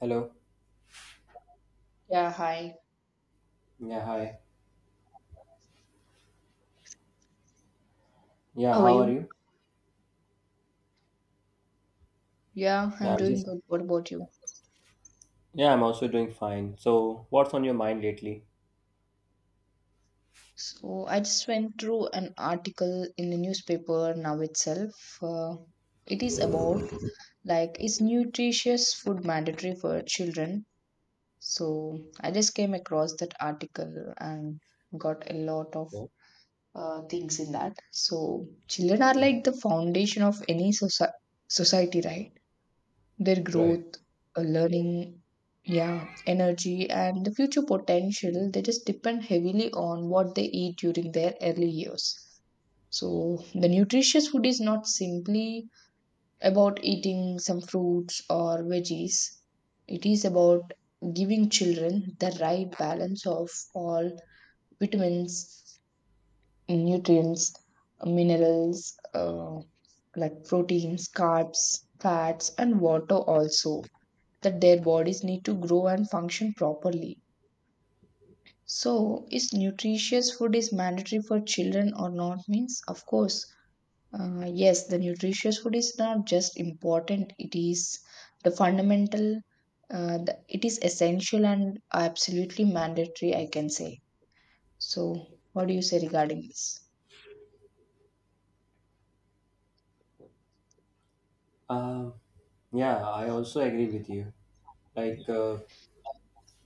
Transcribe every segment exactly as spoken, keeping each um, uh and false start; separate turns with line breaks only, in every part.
Hello.
Yeah, hi.
Yeah, hi. Yeah,
How are
how are
you?
you?
Yeah,
Yeah,
I'm
I'm
doing
just
good. What about you?
yeah, I'm also doing fine. So, what's on your mind lately?
So, I just went through an article in the newspaper now itself. Uh, it is about like is nutritious food mandatory for children? So, I just came across that article and got a lot of
Yeah.
uh, things in that. So, children are
Mhm.
like the foundation of any soci society, right? Their
Right.
growth, uh, learning, yeah, energy, and the future potential, they just depend heavily on what they eat during their early years. So, the nutritious food is not simply about eating some fruits or veggies, it is about giving children the right balance of all vitamins, nutrients, minerals, uh, like proteins, carbs, fats, and water also that their bodies need to grow and function properly. So, is nutritious food is mandatory for children or not? Means, of course, uh, yes, the nutritious food is not just important; it is the fundamental. Uh, the, it is essential and absolutely mandatory, I can say. So, what do you say regarding this?
Um, yeah, I also agree with you. Like uh,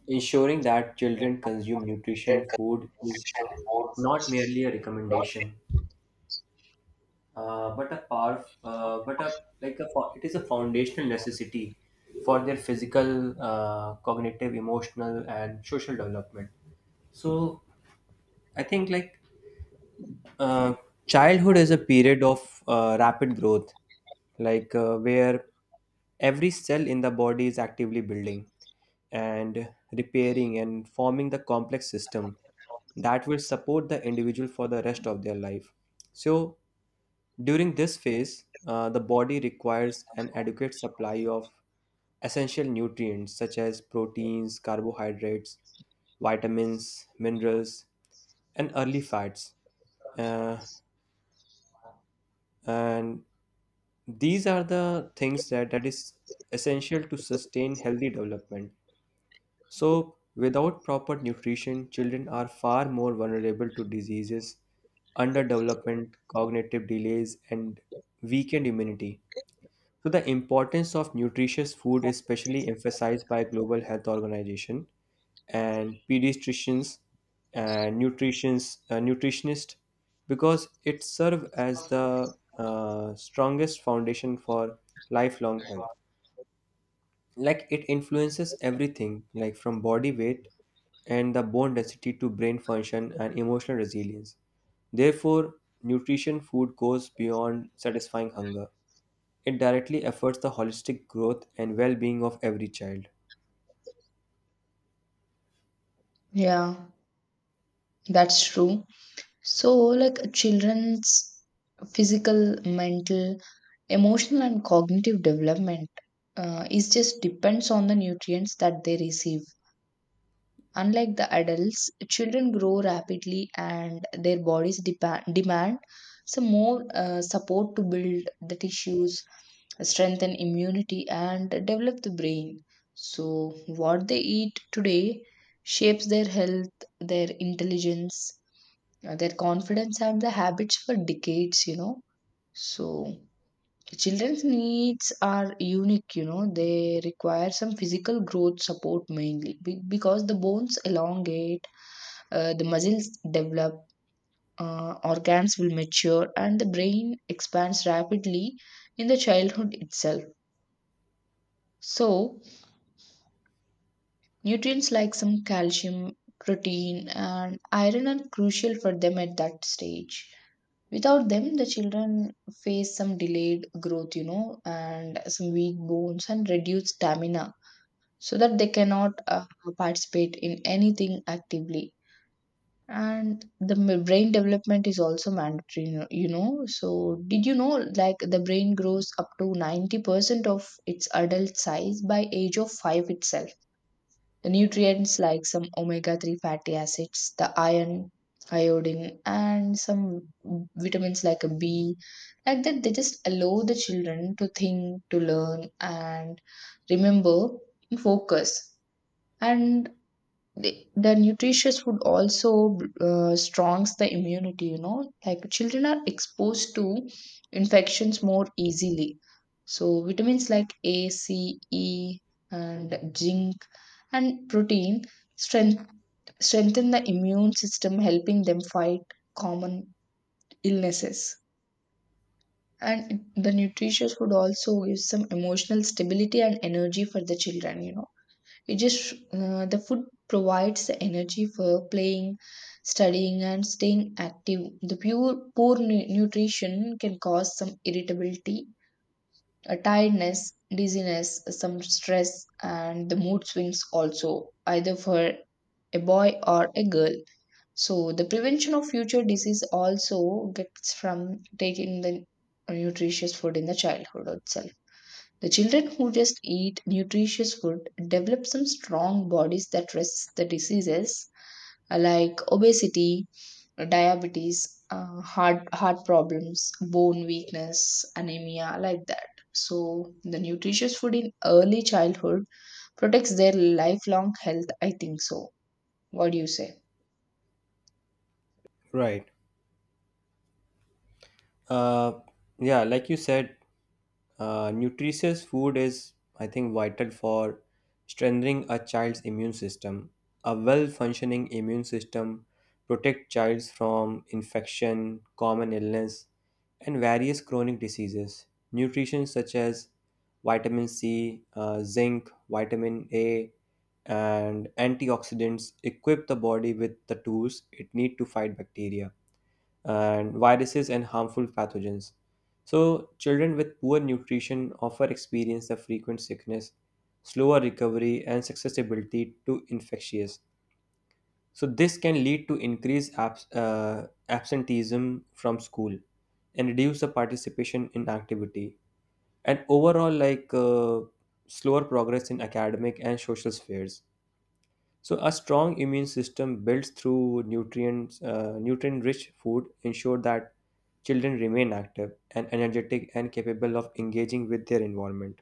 Ensuring that children consume nutrition food is not merely a recommendation. Uh, but a power, uh, but a like a fo- It is a foundational necessity for their physical, uh, cognitive, emotional, and social development. So I think like uh, childhood is a period of uh, rapid growth, like uh, where every cell in the body is actively building and repairing and forming the complex system that will support the individual for the rest of their life. So during this phase, uh, the body requires an adequate supply of essential nutrients such as proteins, carbohydrates, vitamins, minerals, and early fats. Uh, and these are the things that, that is essential to sustain healthy development. So, without proper nutrition, children are far more vulnerable to diseases, underdevelopment, cognitive delays, and weakened immunity. So the importance of nutritious food is specially emphasized by Global Health Organization and pediatricians and nutritionists, uh, nutritionists because it serves as the uh, strongest foundation for lifelong health. Like it influences everything, like from body weight and the bone density to brain function and emotional resilience. Therefore, nutrition food goes beyond satisfying hunger. It directly affects the holistic growth and well being of every child.
Yeah, that's true. So, like children's physical, mental, emotional, and cognitive development uh, is just depends on the nutrients that they receive. Unlike the adults, children grow rapidly and their bodies depa- demand some more uh, support to build the tissues, strengthen immunity, and develop the brain. So, what they eat today shapes their health, their intelligence, uh, their confidence and the habits for decades, you know. So children's needs are unique, you know. They require some physical growth support mainly be- because the bones elongate, uh, the muscles develop, uh, organs will mature and the brain expands rapidly in the childhood itself. So nutrients like some calcium, protein and iron are crucial for them at that stage. Without them, the children face some delayed growth, you know, and some weak bones and reduced stamina so that they cannot uh, participate in anything actively. And the m- brain development is also mandatory, you know. you know. So, did you know like the brain grows up to ninety percent of its adult size by age of five itself? The nutrients like some omega three fatty acids, the iron, iodine, and some vitamins like a B, like that, they just allow the children to think, to learn, and remember, focus. And the, the nutritious food also uh, strongs the immunity, you know. Like children are exposed to infections more easily, so vitamins like a c e and zinc and protein strength, strengthen the immune system, helping them fight common illnesses. And the nutritious food also gives some emotional stability and energy for the children, you know. It just uh, the food provides the energy for playing, studying, and staying active. The pure poor nu- nutrition can cause some irritability, a tiredness, dizziness, some stress, and the mood swings also, either for a boy or a girl. So the prevention of future disease also gets from taking the nutritious food in the childhood itself. The children who just eat nutritious food develop some strong bodies that resist the diseases uh, like obesity, diabetes, uh, heart heart problems, bone weakness, anemia, like that. So the nutritious food in early childhood protects their lifelong health, I think so. What do you say?
Right. Uh, yeah, like you said, Uh, nutritious food is, I think, vital for strengthening a child's immune system. A well-functioning immune system protects childs from infection, common illness, and various chronic diseases. Nutrition such as vitamin C, uh, zinc, vitamin A, and antioxidants equip the body with the tools it needs to fight bacteria and viruses and harmful pathogens. So, children with poor nutrition often experience the frequent sickness, slower recovery, and susceptibility to infectious. So, this can lead to increased abs- uh, absenteeism from school and reduce the participation in activity, and overall, like uh, slower progress in academic and social spheres. So a strong immune system built through nutrients, uh, nutrient-rich food ensure that children remain active and energetic and capable of engaging with their environment.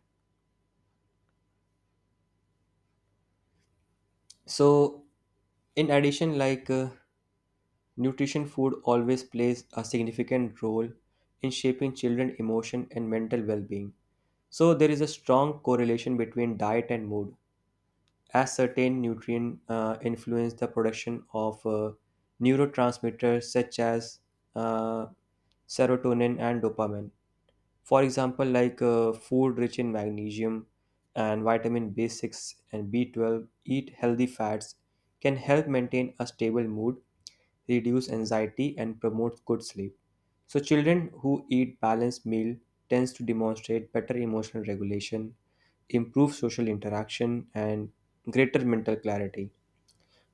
So, in addition, like uh, nutrition, food always plays a significant role in shaping children' emotion and mental well-being. So there is a strong correlation between diet and mood, as certain nutrient uh, influence the production of uh, neurotransmitters such as uh, serotonin and dopamine. For example, like uh, food rich in magnesium and vitamin B six and B twelve, eat healthy fats can help maintain a stable mood, reduce anxiety, and promotes good sleep. So children who eat balanced meal tends to demonstrate better emotional regulation, improve social interaction, and greater mental clarity.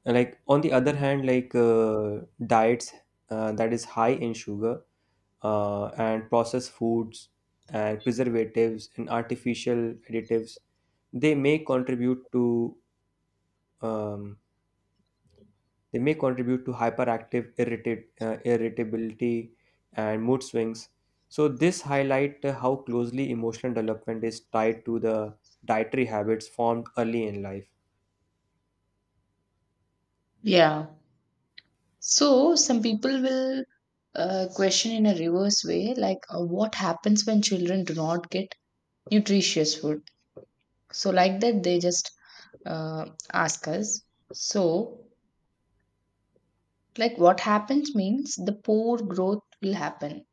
Like on the other hand, like uh, diets uh, that is high in sugar uh, and processed foods and preservatives and artificial additives, they may contribute to um, they may contribute to hyperactive irritate, uh, irritability and mood swings. So this highlight uh, how closely emotional development is tied to the dietary habits formed early in life.
Yeah. So some people will uh, question in a reverse way, like uh, what happens when children do not get nutritious food? So, like that, they just uh, ask us. So, like, what happens means the poor growth will happen,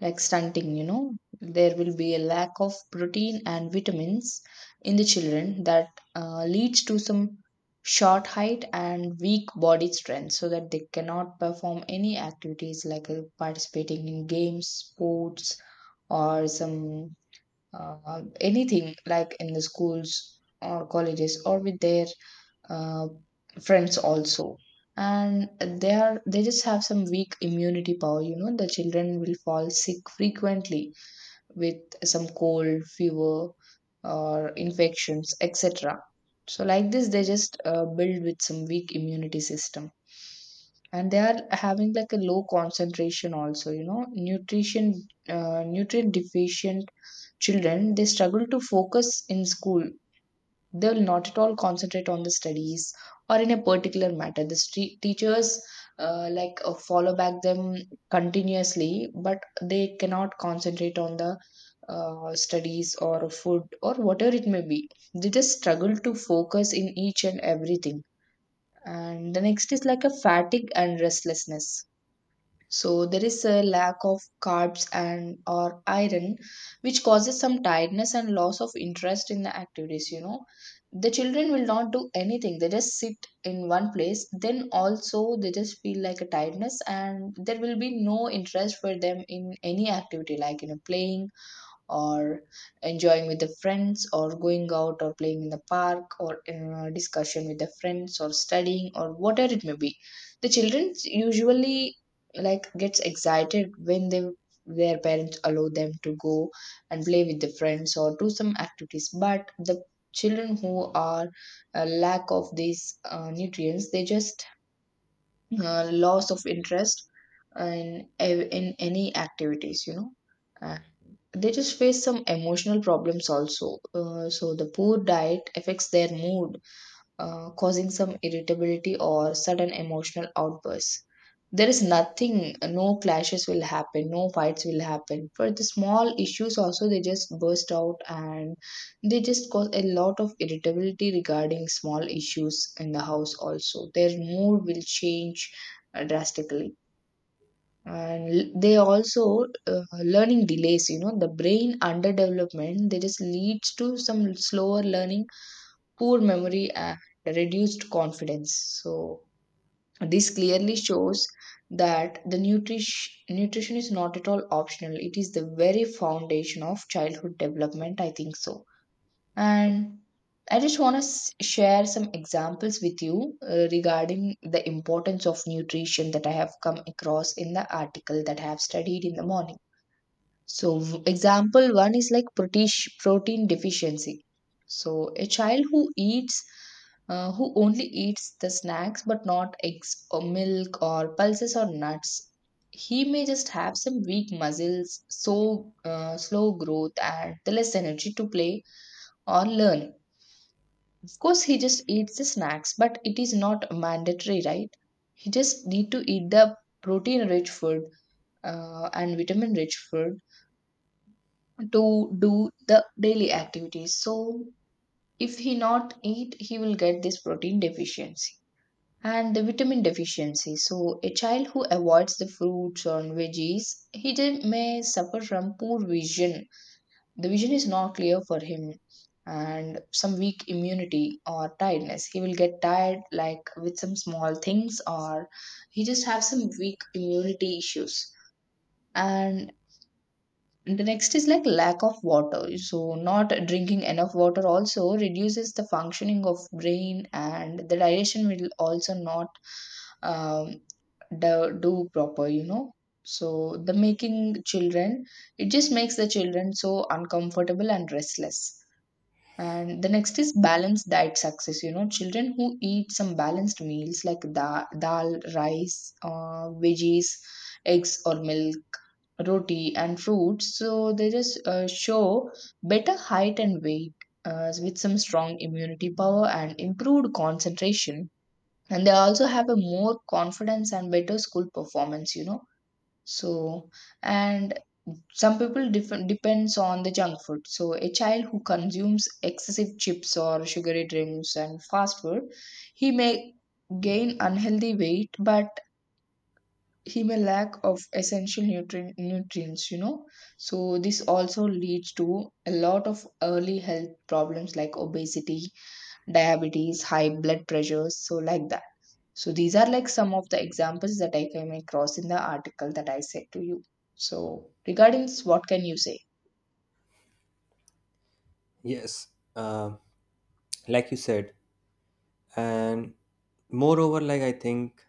like stunting, you know, there will be a lack of protein and vitamins in the children that uh, leads to some short height and weak body strength so that they cannot perform any activities like uh, participating in games, sports, or some uh, anything like in the schools or colleges or with their uh, friends also. And they are they just have some weak immunity power, you know. The children will fall sick frequently with some cold, fever or infections, etc. So like this, they just uh, build with some weak immunity system. And they are having like a low concentration also, you know. Nutrition uh, Nutrient deficient children, they struggle to focus in school. They'll not at all concentrate on the studies, or in a particular matter the stre- teachers uh, like uh, follow back them continuously, but they cannot concentrate on the uh, studies or food or whatever it may be. They just struggle to focus in each and everything. And the next is like a fatigue and restlessness. So there is a lack of carbs and or iron, which causes some tiredness and loss of interest in the activities, you know. The children will not do anything. They just sit in one place. Then also they just feel like a tiredness, and there will be no interest for them in any activity, like, you know, playing or enjoying with the friends or going out or playing in the park or uh, discussion with the friends or studying or whatever it may be. The children usually like gets excited when they their parents allow them to go and play with the friends or do some activities. But the children who are a lack of these uh, nutrients, they just uh, loss of interest in ev- in any activities, you know. Uh, they just face some emotional problems also. Uh, so the poor diet affects their mood, uh, causing some irritability or sudden emotional outbursts. There is nothing, no clashes will happen, no fights will happen. For the small issues, also, they just burst out and they just cause a lot of irritability regarding small issues in the house, also. Their mood will change uh, drastically. And l- they also uh, learning delays, you know, the brain underdevelopment, they just leads to some slower learning, poor memory and reduced confidence. So, this clearly shows that the nutrish, nutrition is not at all optional. It is the very foundation of childhood development, I think so. And I just want to share some examples with you uh, regarding the importance of nutrition that I have come across in the article that I have studied in the morning. So, v- example one is like protein, protein deficiency. So, a child who eats uh, who only eats the snacks but not eggs or milk or pulses or nuts. He may just have some weak muscles, so uh, slow growth, and the less energy to play or learn. Of course, he just eats the snacks, but it is not mandatory, right? He just need to eat the protein-rich food uh, and vitamin-rich food to do the daily activities. So, if he not eat, he will get this protein deficiency and the vitamin deficiency. So, a child who avoids the fruits or veggies, he de- may suffer from poor vision. The vision is not clear for him, and some weak immunity or tiredness. He will get tired, like with some small things, or he just have some weak immunity issues. And the next is like lack of water. So, not drinking enough water also reduces the functioning of brain, and the digestion will also not um, do, do proper, you know. So the making children, it just makes the children so uncomfortable and restless. And the next is balanced diet success, you know. Children who eat some balanced meals like da- dal, rice, uh, veggies, eggs or milk, roti and fruits, so they just uh, show better height and weight uh, with some strong immunity power and improved concentration. And they also have a more confidence and better school performance, you know. So, and some people def- depends on the junk food. So a child who consumes excessive chips or sugary drinks and fast food, he may gain unhealthy weight, but he may lack of essential nutrient nutrients, you know. So this also leads to a lot of early health problems like obesity, diabetes, high blood pressures, so like that. So these are like some of the examples that I came across in the article that I said to you. So regarding this, what can you say?
Yes, uh, like you said, and moreover, like I think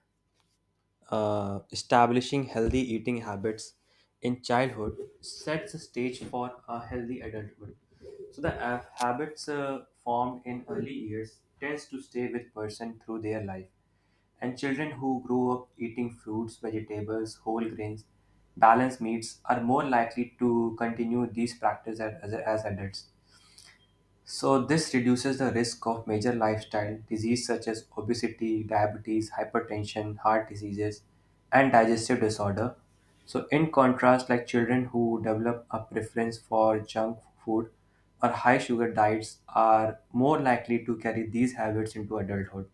uh, establishing healthy eating habits in childhood sets the stage for a healthy adulthood. So the uh, habits uh, formed in early years tends to stay with person through their life. And children who grow up eating fruits, vegetables, whole grains, balanced meats are more likely to continue these practices as, as as adults. So, this reduces the risk of major lifestyle disease such as obesity, diabetes, hypertension, heart diseases, and digestive disorder. So, in contrast, like children who develop a preference for junk food or high sugar diets are more likely to carry these habits into adulthood,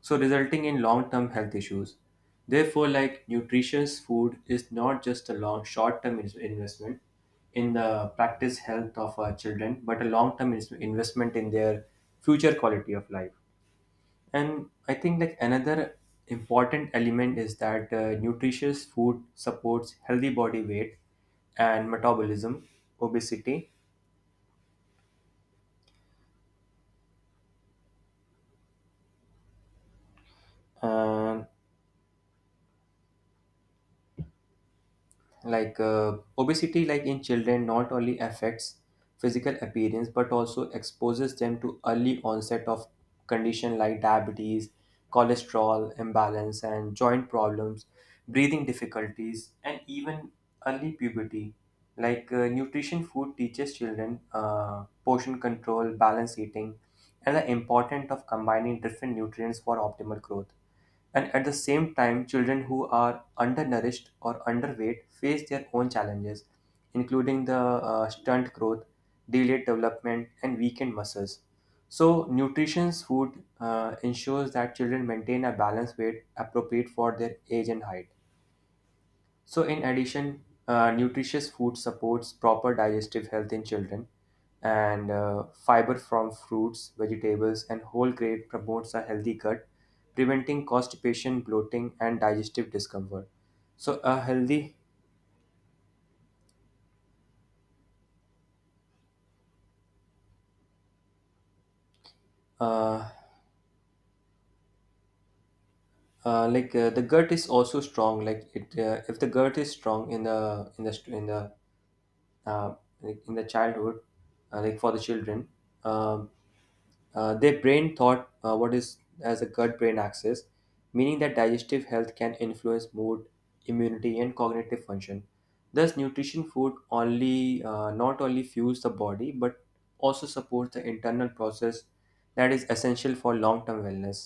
so resulting in long-term health issues. Therefore, like nutritious food is not just a long short-term in- investment in the practice health of our children, but a long-term ins- investment in their future quality of life. And I think like another important element is that uh, nutritious food supports healthy body weight and metabolism, obesity, and like uh, obesity like in children not only affects physical appearance but also exposes them to early onset of condition like diabetes, cholesterol imbalance and joint problems, breathing difficulties and even early puberty. Like uh, nutrition food teaches children uh, portion control, balanced eating, and the importance of combining different nutrients for optimal growth. And at the same time, children who are undernourished or underweight face their own challenges, including the uh, stunt growth, delayed development, and weakened muscles. So, nutritious food uh, ensures that children maintain a balanced weight appropriate for their age and height. So, in addition, uh, nutritious food supports proper digestive health in children, and uh, fiber from fruits, vegetables, and whole grain promotes a healthy gut, preventing constipation, bloating, and digestive discomfort. So, a healthy uh, uh, like uh, the gut is also strong. Like it, uh, if the gut is strong in the in the in the uh, like in the childhood, uh, like for the children, um Uh, their brain thought uh, what is as a gut brain axis, meaning that digestive health can influence mood, immunity, and cognitive function. Thus, nutrition food only uh, not only fuels the body but also supports the internal process that is essential for long-term wellness.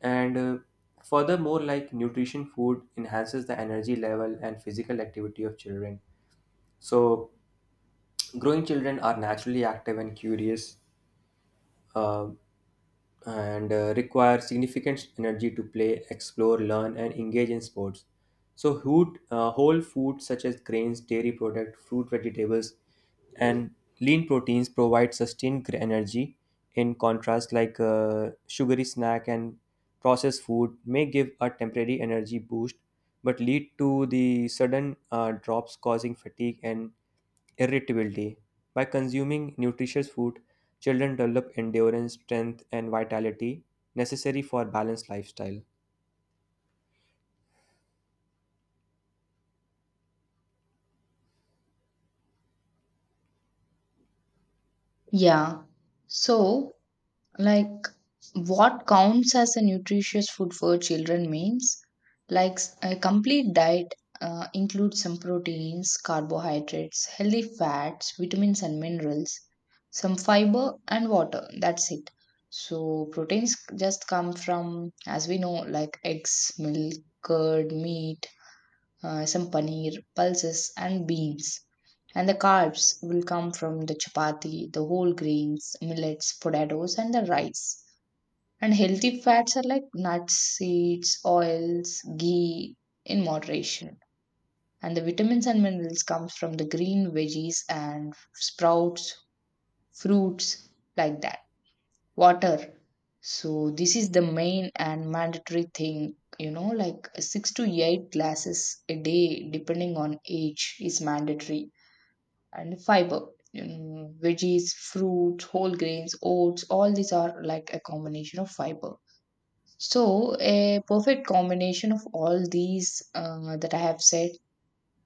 And uh, furthermore, like nutrition food enhances the energy level and physical activity of children. So, growing children are naturally active and curious. Uh, and uh, Require significant energy to play, explore, learn, and engage in sports. So hoot, uh, whole foods such as grains, dairy products, fruit, vegetables, and lean proteins provide sustained gr- energy. In contrast, like uh, sugary snack and processed food may give a temporary energy boost, but lead to the sudden uh, drops causing fatigue and irritability. By consuming nutritious food, children develop endurance, strength, and vitality necessary for balanced lifestyle.
Yeah. So, like, what counts as a nutritious food for children means like s- a complete diet uh, includes some proteins, carbohydrates, healthy fats, vitamins, and minerals, some fiber, and water. That's it. So, proteins just come from, as we know, like eggs, milk, curd, meat, uh, some paneer, pulses, and beans. And the carbs will come from the chapati, the whole grains, millets, potatoes, and the rice. And healthy fats are like nuts, seeds, oils, ghee in moderation. And the vitamins and minerals comes from the green veggies and sprouts, fruits, like that. Water, so this is the main and mandatory thing, you know, like six to eight glasses a day, depending on age, is mandatory. And fiber, you know, veggies, fruits, whole grains, oats, all these are like a combination of fiber. So a perfect combination of all these uh, that I have said,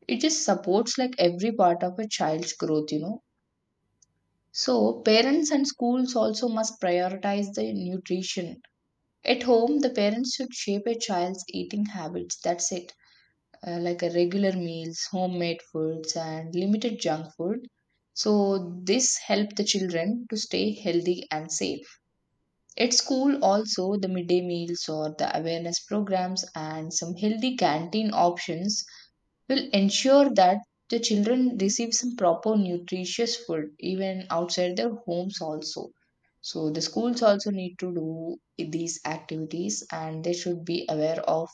it just supports like every part of a child's growth, you know. So parents and schools also must prioritize the nutrition. At home, the parents should shape a child's eating habits. That's it. Uh, like a regular meals, homemade foods, and limited junk food. So this help the children to stay healthy and safe. At school, also the midday meals or the awareness programs and some healthy canteen options will ensure that the children receive some proper nutritious food even outside their homes also. So the schools also need to do these activities, and they should be aware of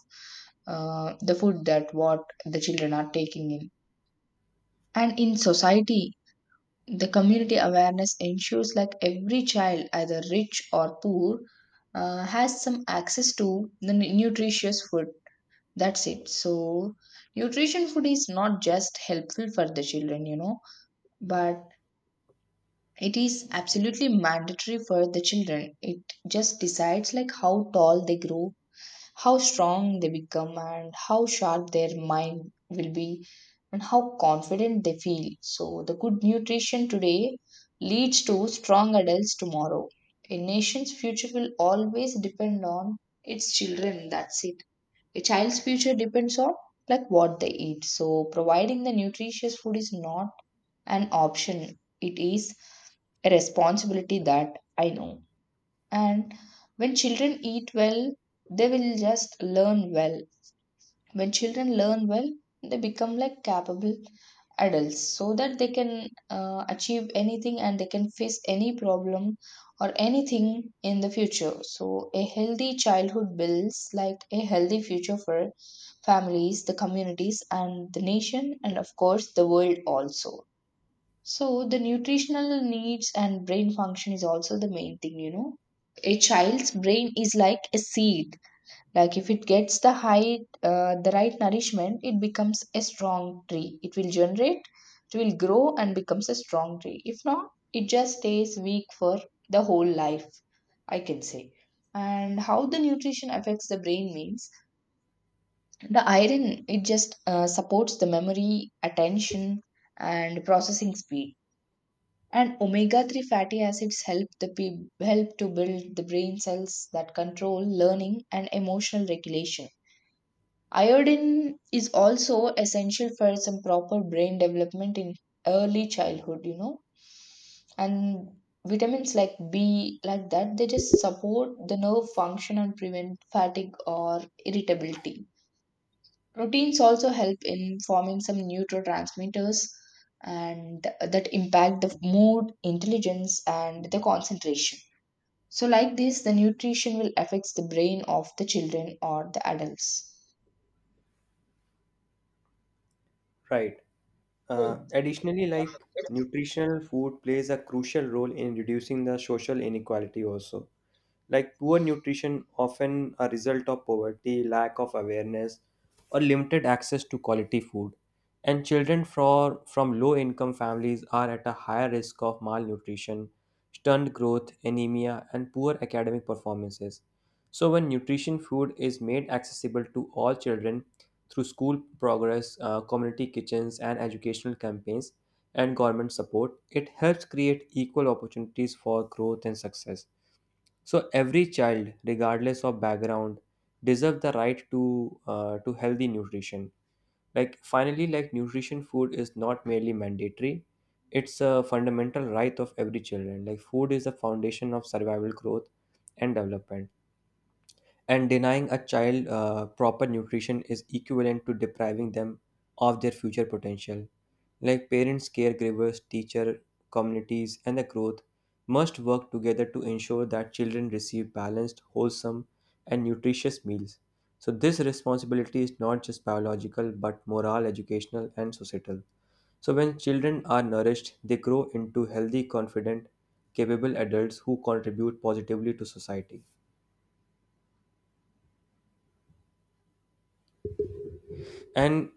uh, the food that what the children are taking in. And in society, the community awareness ensures like every child, either rich or poor, uh, has some access to the nu- nutritious food. That's it. So, nutrition food is not just helpful for the children, you know, but it is absolutely mandatory for the children. It just decides like how tall they grow, how strong they become, and how sharp their mind will be, and how confident they feel. So, the good nutrition today leads to strong adults tomorrow. A nation's future will always depend on its children. That's it. A child's future depends on like what they eat. So providing the nutritious food is not an option. It is a responsibility that I know. And when children eat well, they will just learn well. When children learn well, they become like capable adults so that they can uh, achieve anything, and they can face any problem or anything in the future. So, a healthy childhood builds like a healthy future for families, the communities, and the nation, and of course, the world also. So, the nutritional needs and brain function is also the main thing, you know. A child's brain is like a seed. Like if it gets the high, uh, the right nourishment, it becomes a strong tree. It will generate, it will grow and becomes a strong tree. If not, it just stays weak for the whole life, I can say. And how the nutrition affects the brain means the iron, it just uh, supports the memory, attention, and processing speed. And omega three fatty acids help the pe- help to build the brain cells that control learning and emotional regulation. Iodine is also essential for some proper brain development in early childhood, you know. And vitamins like B, like that, they just support the nerve function and prevent fatigue or irritability. Proteins also help in forming some neurotransmitters, and that impact the mood, intelligence, and the concentration. So, like this, the nutrition will affect the brain of the children or the adults.
Right. Uh, additionally, like nutritional food plays a crucial role in reducing the social inequality also, like poor nutrition often a result of poverty, lack of awareness or limited access to quality food, and children from, from low income families are at a higher risk of malnutrition, stunned growth, anemia and poor academic performances. So when nutrition food is made accessible to all children through school progress, uh, community kitchens and educational campaigns and government support, it helps create equal opportunities for growth and success. So every child, regardless of background, deserve the right to uh, to healthy nutrition. Like finally, like nutrition food is not merely mandatory; it's a fundamental right of every children. Like food is the foundation of survival, growth, and development. And denying a child uh, proper nutrition is equivalent to depriving them of their future potential. Like parents, caregivers, teacher, communities, and the growth must work together to ensure that children receive balanced, wholesome, and nutritious meals. So this responsibility is not just biological but moral, educational, and societal. So when children are nourished, they grow into healthy, confident, capable adults who contribute positively to society. And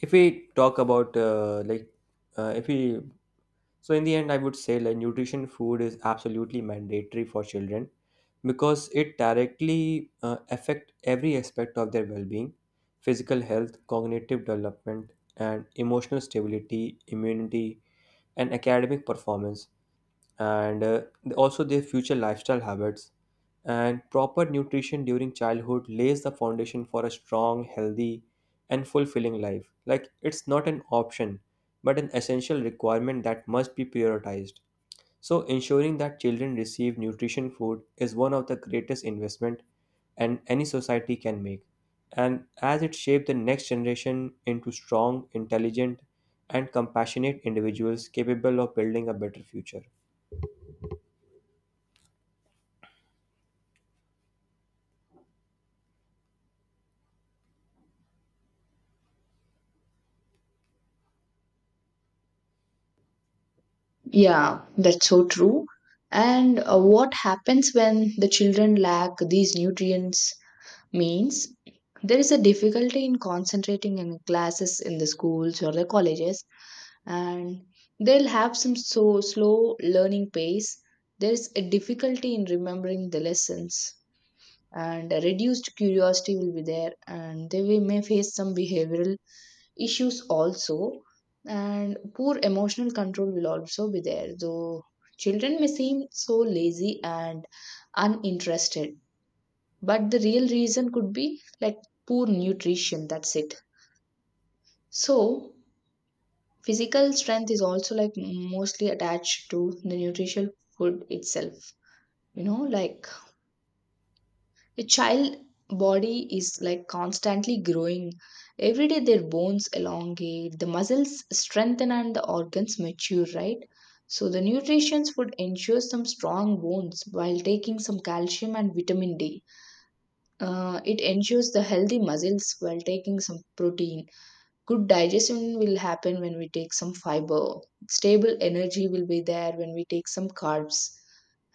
if we talk about uh, like uh, if we so in the end, I would say like nutrition food is absolutely mandatory for children because it directly uh, affect every aspect of their well-being, physical health, cognitive development, and emotional stability, immunity, and academic performance and uh, also their future lifestyle habits. And proper nutrition during childhood lays the foundation for a strong, healthy, and fulfilling life. Like it's not an option, but an essential requirement that must be prioritized. So ensuring that children receive nutrition food is one of the greatest investment and any society can make. And as it shapes the next generation into strong, intelligent, and compassionate individuals capable of building a better future.
Yeah, that's so true. And uh, what happens when the children lack these nutrients means there is a difficulty in concentrating in classes in the schools or the colleges, and they'll have some so slow learning pace. There is a difficulty in remembering the lessons, and a reduced curiosity will be there, and they will- may face some behavioral issues also, and poor emotional control will also be there. Though children may seem so lazy and uninterested, but the real reason could be like poor nutrition. That's it. So physical strength is also like mostly attached to the nutritional food itself, you know. Like a child body is like constantly growing. Every day their bones elongate, the muscles strengthen, and the organs mature, right? So the nutrition would ensure some strong bones while taking some calcium and vitamin D. Uh, it ensures the healthy muscles while taking some protein. Good digestion will happen when we take some fiber. Stable energy will be there when we take some carbs.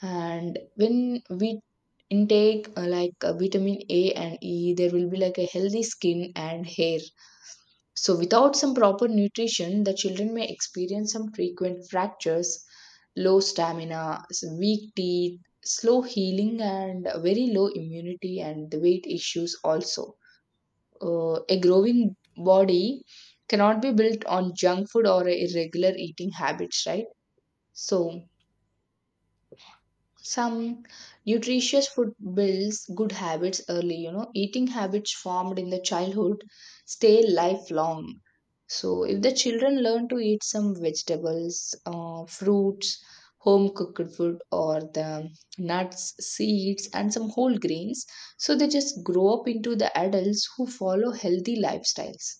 And when we intake uh, like uh, vitamin A and E, there will be like a healthy skin and hair. So without some proper nutrition, the children may experience some frequent fractures, low stamina, s- weak teeth, slow healing, and very low immunity and the weight issues also. Uh, a growing body cannot be built on junk food or irregular eating habits, right? So some nutritious food builds good habits early, you know. Eating habits formed in the childhood stay lifelong. So, if the children learn to eat some vegetables, uh, fruits, home cooked food, or the nuts, seeds, and some whole grains, so they just grow up into the adults who follow healthy lifestyles.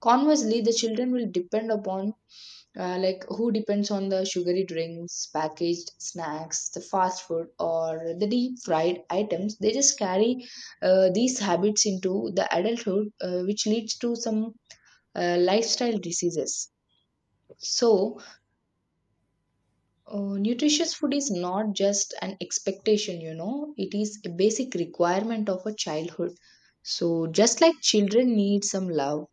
Conversely, the children will depend upon uh, like who depends on the sugary drinks, packaged snacks, the fast food, or the deep fried items, they just carry uh, these habits into the adulthood, uh, which leads to some uh, lifestyle diseases. So, uh, nutritious food is not just an expectation, you know, it is a basic requirement of a childhood. So, just like children need some love,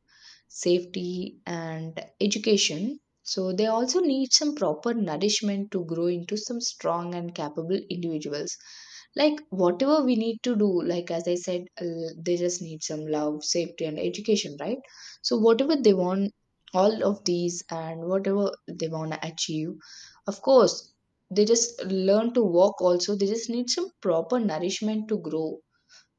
safety, and education, so they also need some proper nourishment to grow into some strong and capable individuals. Like, whatever we need to do, like as I said, uh, they just need some love, safety, and education, right? So, whatever they want, all of these, and whatever they want to achieve, of course, they just learn to walk also. They just need some proper nourishment to grow.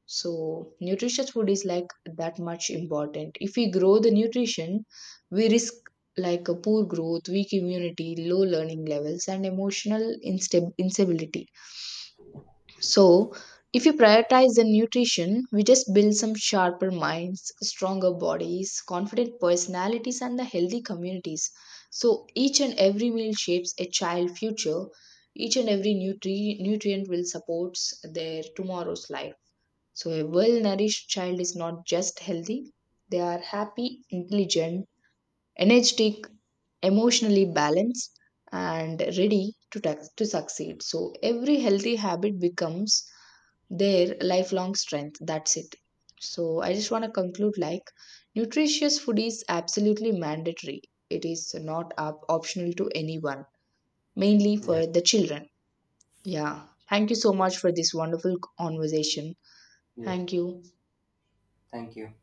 So, nutritious food is like that much important. If we grow the nutrition, we risk like a poor growth, weak immunity, low learning levels, and emotional instab- instability. So, if you prioritize the nutrition, we just build some sharper minds, stronger bodies, confident personalities, and the healthy communities. So, each and every meal shapes a child' future. Each and every nutri- nutrient will supports their tomorrow's life. So, a well nourished child is not just healthy, they are happy, intelligent, energetic, emotionally balanced, and ready to, tax- to succeed. So, every healthy habit becomes their lifelong strength. That's it. So, I just want to conclude like nutritious food is absolutely mandatory, it is not op- optional to anyone, mainly
Yeah.
for the children. Yeah. Thank you so much for this wonderful conversation.
Yes.
Thank you.
Thank you.